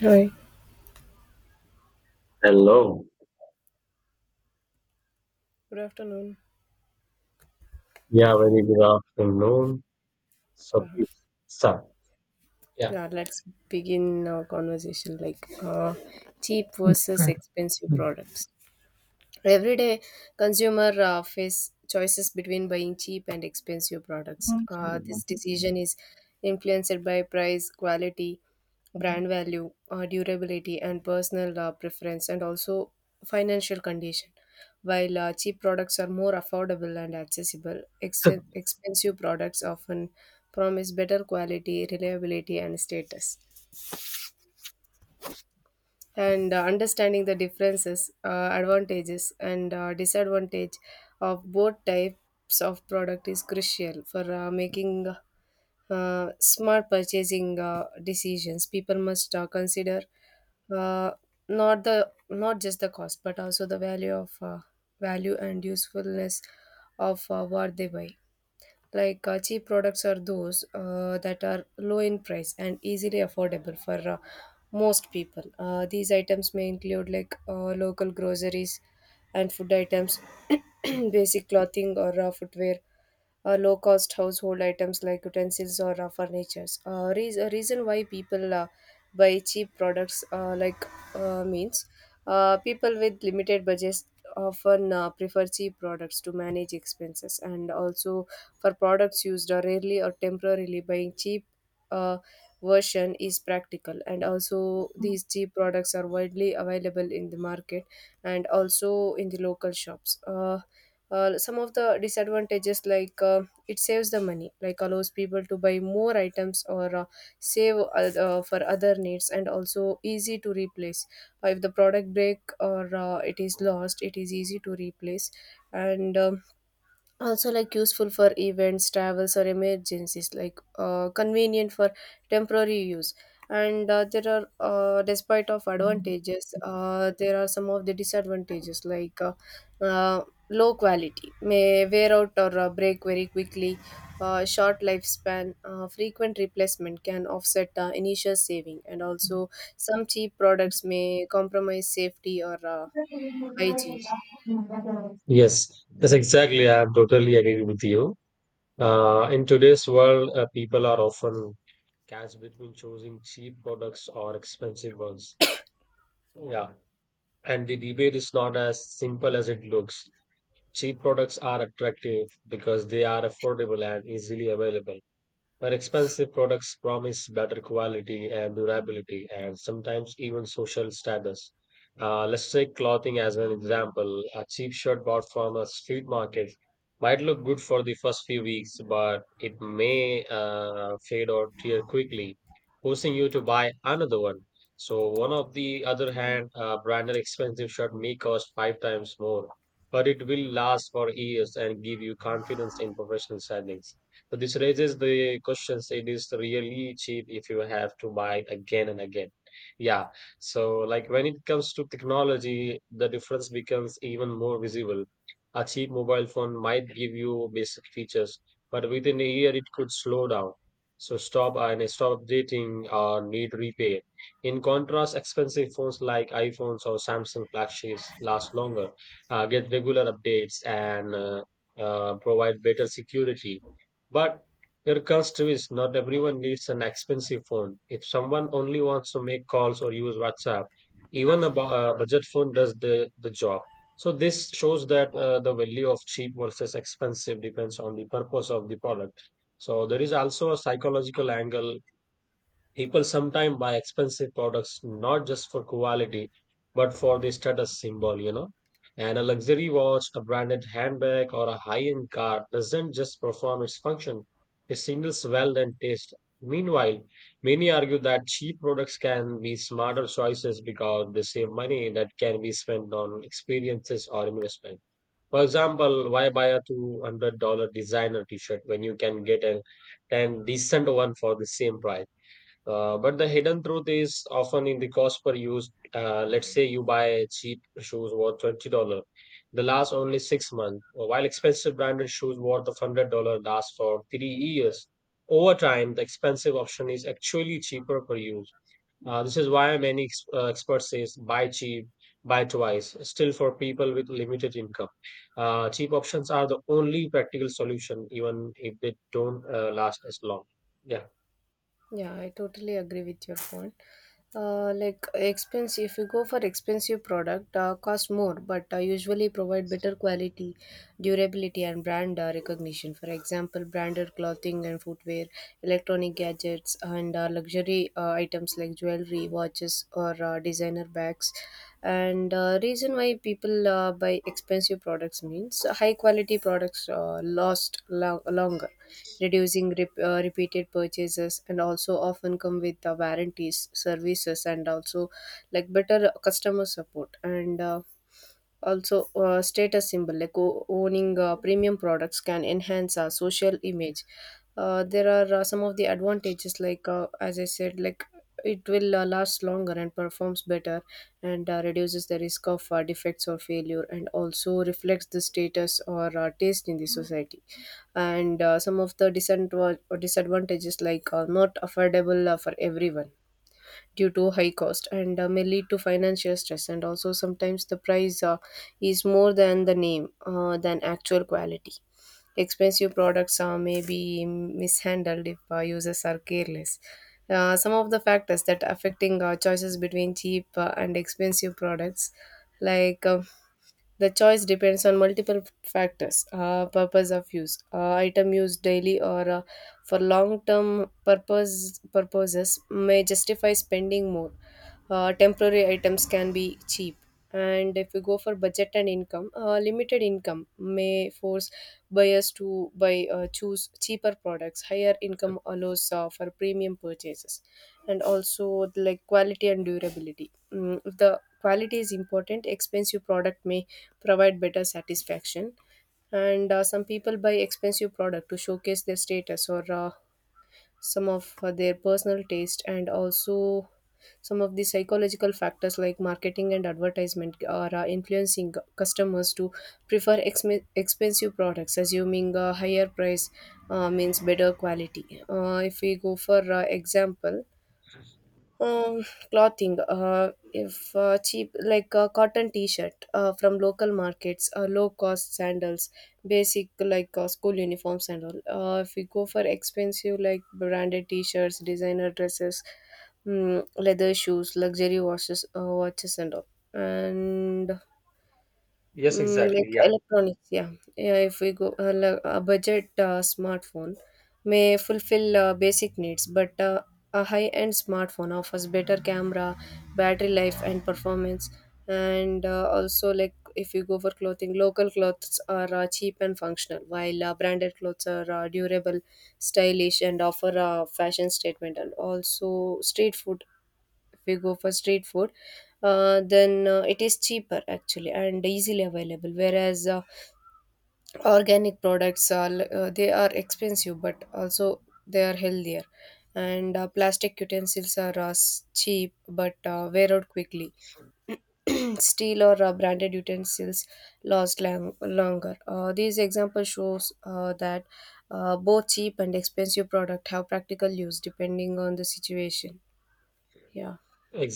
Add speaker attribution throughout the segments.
Speaker 1: Hi,
Speaker 2: Hello.
Speaker 1: good afternoon.
Speaker 2: Yeah, very good afternoon. So please
Speaker 1: Raha.
Speaker 2: start. Yeah.
Speaker 1: Yeah, let's begin our conversation cheap versus expensive products. Everyday consumer face choices between buying cheap and expensive products. This decision is influenced by price, quality, brand value, durability, and personal preference, and also financial condition. While cheap products are more affordable and accessible, expensive products often promise better quality, reliability, and status, and understanding the differences, advantages, and disadvantage of both types of product is crucial for making smart purchasing decisions. People must consider, uh, not just the cost, but also the value of value and usefulness of what they buy. Like cheap products are those that are low in price and easily affordable for most people. These items may include like local groceries and food items, basic clothing or footwear, low cost household items like utensils or furniture. A reason why people buy cheap products, like means people with limited budgets often prefer cheap products to manage expenses, and also for products used rarely or temporarily, buying cheap uh, version is practical, and also these cheap products are widely available in the market and also in the local shops. Uh, some of the disadvantages, like it saves the money, like allows people to buy more items or save for other needs, and also easy to replace. If the product break or it is lost, it is easy to replace, and also, like, useful for events, travels, or emergencies, like convenient for temporary use. And there are despite of advantages, there are some of the disadvantages, like uh, low quality may wear out or break very quickly, short lifespan, frequent replacement can offset initial saving, and also some cheap products may compromise safety or hygiene.
Speaker 2: Yes, yes, exactly. I am totally agree with you. In today's world, people are often caught between choosing cheap products or expensive ones. Yeah, and the debate is not as simple as it looks. Cheap products are attractive because they are affordable and easily available. But expensive products promise better quality and durability and sometimes even social status. Let's take clothing as an example. A cheap shirt bought from a street market might look good for the first few weeks, but it may fade or tear quickly, forcing you to buy another one. So, one of the other hand, a branded expensive shirt may cost five times more, but it will last for years and give you confidence in professional settings. So this raises the questions. It is really cheap if you have to buy it again and again. Yeah. So like when it comes to technology, the difference becomes even more visible. A cheap mobile phone might give you basic features, but within a year it could slow down. So stop and stop updating or need repair. In contrast, expensive phones like iPhones or Samsung flagships last longer, get regular updates, and provide better security but your curse too is not everyone needs an expensive phone. If someone only wants to make calls or use WhatsApp, even a budget phone does the job. So this shows that the value of cheap versus expensive depends on the purpose of the product. So there is also a psychological angle. People sometimes buy expensive products not just for quality, but for the status symbol, you know. And a luxury watch, a branded handbag, or a high-end car doesn't just perform its function, it signals wealth and taste. Meanwhile, many argue that cheap products can be smarter choices because they save money that can be spent on experiences or investment. For example, why buy a $200 designer t-shirt when you can get a 10 decent one for the same price? But the hidden truth is often in the cost per use. Let's say you buy cheap shoes worth $20, they last only 6 months, while expensive branded shoes worth of $100 last for 3 years. Over time, the expensive option is actually cheaper per use. This is why many experts says buy cheap, buy twice. Still, for people with limited income, cheap options are the only practical solution, even if they don't last as long. Yeah.
Speaker 1: Yeah, I totally agree with your point. Like expensive, if you go for expensive product, cost more, but usually provide better quality, durability, and brand recognition. For example, branded clothing and footwear, electronic gadgets, and luxury items like jewelry, watches, bags, or designer bags. And reason why people buy expensive products means high quality products longer, reducing repeated purchases, and also often come with warranties services, and also like better customer support, and also, status symbol, like owning premium products can enhance our social image. There are some of the advantages, like as I said, like it will last longer and performs better, and reduces the risk of defects or failure, and also reflects the status or taste in the society. And some of the disadvantages, like not affordable for everyone due to high cost, and may lead to financial stress, and also sometimes the price is more than the name than actual quality. Expensive products may be mishandled if users are careless. Uh, some of the factors that affecting our choices between cheap and expensive products, like uh, the choice depends on multiple factors: purpose of use, item used daily or for long term purposes may justify spending more, temporary items can be cheap. And If you go for budget and income, limited income may force buyers to buy choose cheaper products, higher income allows for premium purchases. And also, like quality and durability. Mm, if the quality is important, expensive product may provide better satisfaction. And some people buy expensive product to showcase their status or some of their personal taste. And also some of the psychological factors, like marketing and advertisement, are influencing customers to prefer expensive products, assuming a higher price means better quality. If we go for example, um, clothing, if cheap like a cotton t-shirt from local markets, low cost sandals, basic like school uniforms and all. If we go for expensive, like branded t-shirts, designer dresses, mm, leather shoes, luxury watches and all. And
Speaker 2: Yes.
Speaker 1: Mm,
Speaker 2: Exactly.
Speaker 1: like
Speaker 2: Yeah.
Speaker 1: electronics, yeah. Yeah, if we go a budget smartphone may fulfill basic needs, but a high-end smartphone offers better camera, battery life, and performance. And also, like if you go for clothing, local clothes are cheap and functional, while branded clothes are durable, stylish, and offer a fashion statement. And also, street food, if we go for street food then it is cheaper actually and easily available, whereas organic products are they are expensive, but also they are healthier. And plastic utensils are cheap but wear out quickly. Steel or branded utensils last longer. Uh, these examples shows that both cheap and expensive product have practical use depending on the situation, yeah.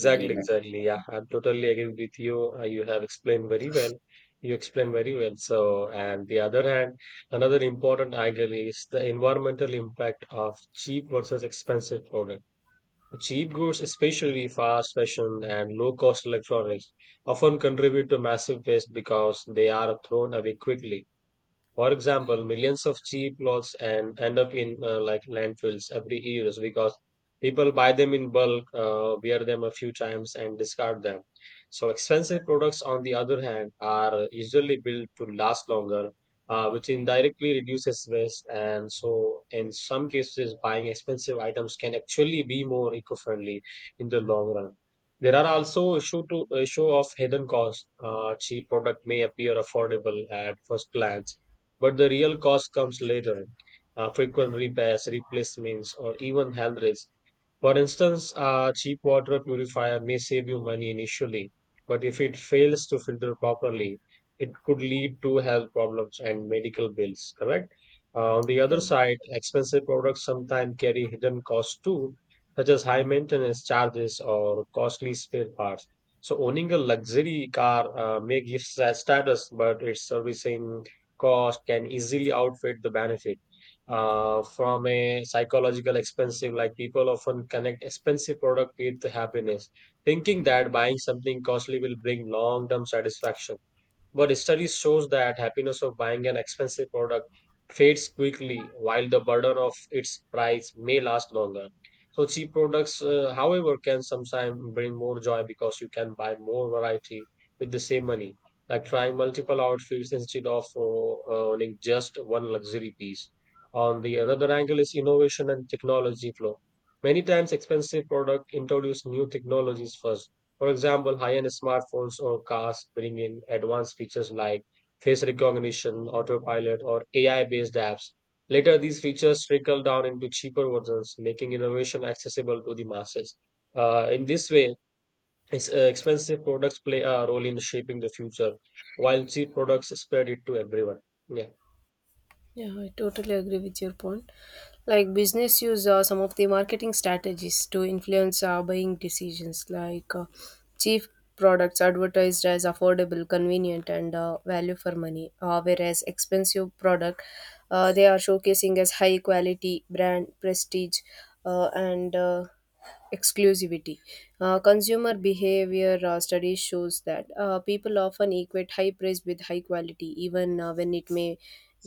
Speaker 1: Would you like
Speaker 2: exactly. Yeah, I totally agree with you. You have explained very well. You explained very well. So, and the other hand, another important angle is the environmental impact of cheap versus expensive product. Cheap goods, especially fast fashion and low cost electronics, often contribute to massive waste because they are thrown away quickly. For example, millions of cheap clothes and end up in like landfills every year because people buy them in bulk, wear them a few times, and discard them. So expensive products, on the other hand, are usually built to last longer, which indirectly reduces waste. And so, in some cases, buying expensive items can actually be more eco-friendly in the long run. There are also issue to issue of hidden costs. Cheap product may appear affordable at first glance but the real cost comes later. Frequent repairs, replacements, or even health risks. For instance, a cheap water purifier may save you money initially, but if it fails to filter properly, it could lead to health problems and medical bills, correct? On the
Speaker 1: yeah.
Speaker 2: other side, expensive products sometimes carry hidden costs too, such as high maintenance charges or costly spare parts. So owning a luxury car may give status, but its servicing cost can easily outweigh the benefit. From a psychological expensive, like people often connect expensive product with happiness, thinking that buying something costly will bring long-term satisfaction. But studies shows that happiness of buying an expensive product fades quickly, while the burden of its price may last longer. So cheap products, however, can sometimes bring more joy because you can buy more variety with the same money, like trying multiple outfits instead of owning just one luxury piece. On the another angle is innovation and technology flow. Many times, expensive product introduce new technologies first, for example, high-end smartphones or cars bring in advanced features like face recognition, autopilot, or AI-based apps. Later, these features trickle down into cheaper versions, making innovation accessible to the masses. In this way, expensive products play a role in shaping the future, while cheap products spread it to everyone. Yeah.
Speaker 1: Yeah, I totally agree with your point. Like business use some of the marketing strategies to influence buying decisions, like cheap products advertised as affordable, convenient, and value for money, whereas expensive product, they are showcasing as high quality, brand prestige, and exclusivity. Consumer behavior studies shows that people often equate high price with high quality, even when it may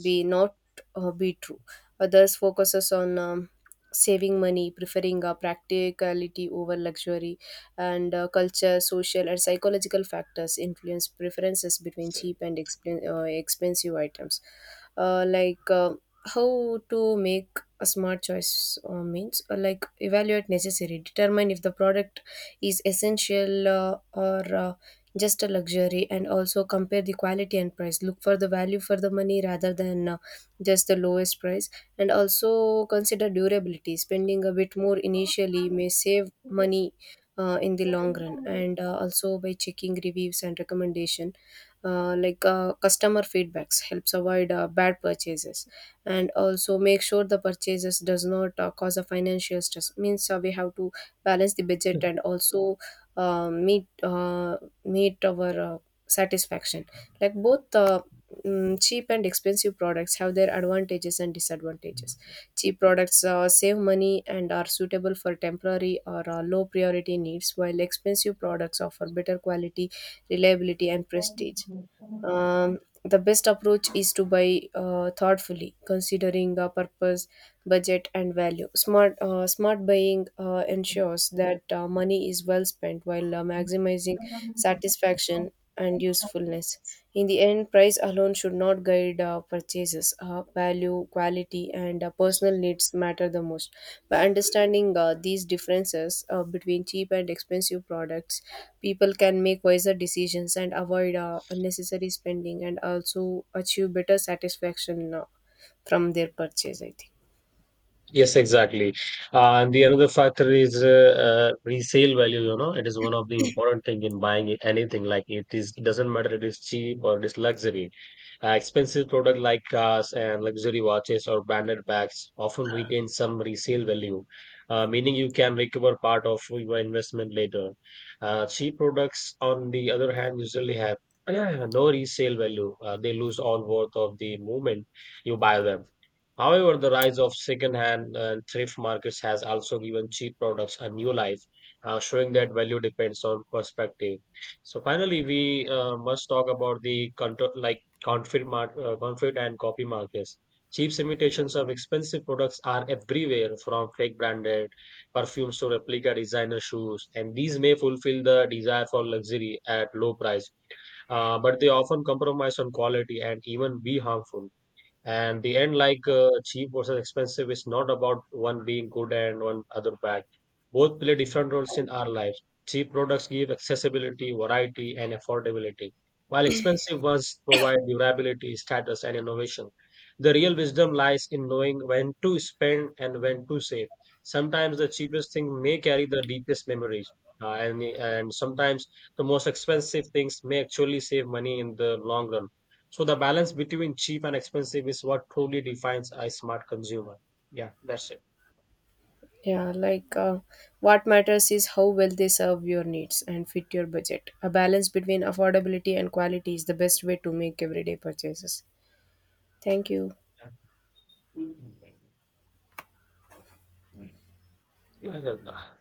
Speaker 1: be not be true. Others focuses on saving money, preferring practicality over luxury, and culture, social, and psychological factors influence preferences between cheap and expensive items. Uh, like uh, how to make a smart choice means like evaluate necessary, determine if the product is essential or just a luxury, and also compare the quality and price, look for the value for the money rather than just the lowest price, and also consider durability, spending a bit more initially may save money in the long run. And also, by checking reviews and recommendation, customer feedbacks helps avoid bad purchases. And also make sure the purchases does not cause a financial stress, means we have to balance the budget, and also uh, meet uh, meet our satisfaction. Like both, mm, cheap and expensive products have their advantages and disadvantages. Cheap products save money and are suitable for temporary or low priority needs, while expensive products offer better quality, reliability, and prestige. The best approach is to buy thoughtfully, considering purpose, budget, and value. Smart buying ensures that money is well spent while maximizing satisfaction and usefulness. In the end, price alone should not guide purchases. Value, quality, and personal needs matter the most. By understanding these differences between cheap and expensive products, people can make wiser decisions and avoid unnecessary spending, and also achieve better satisfaction from their purchase, I think.
Speaker 2: Yes, exactly. And the another factor is resale value. You know, it is one of the important thing in buying anything. Like it is it doesn't matter it is cheap or it is luxury. Expensive products like cars and luxury watches or branded bags often retain some resale value, meaning you can recover part of your investment later. Cheap products, on the other hand, usually have no resale value. They lose all worth of the moment you buy them. However, the rise of second-hand and thrift markets has also given cheap products a new life, showing that value depends on perspective. So finally, we must talk about the control, like counterfeit, counterfeit and copy markets. Cheap imitations of expensive products are everywhere, from fake branded perfumes to replica designer shoes, and these may fulfill the desire for luxury at low price, but they often compromise on quality and even be harmful. And the end like cheap versus expensive is not about one being good and one other bad. Both play different roles in our lives. Cheap products give accessibility, variety, and affordability, while expensive ones provide durability, status, and innovation. The real wisdom lies in knowing when to spend and when to save. Sometimes the cheapest thing may carry the deepest memories, and sometimes the most expensive things may actually save money in the long run. So the balance between cheap and expensive is what truly defines a smart consumer. Yeah, that's it.
Speaker 1: Yeah, what matters is how well they serve your needs and fit your budget. A balance between affordability and quality is the best way to make everyday purchases. Thank you.
Speaker 2: Yeah. Yeah, yeah, yeah.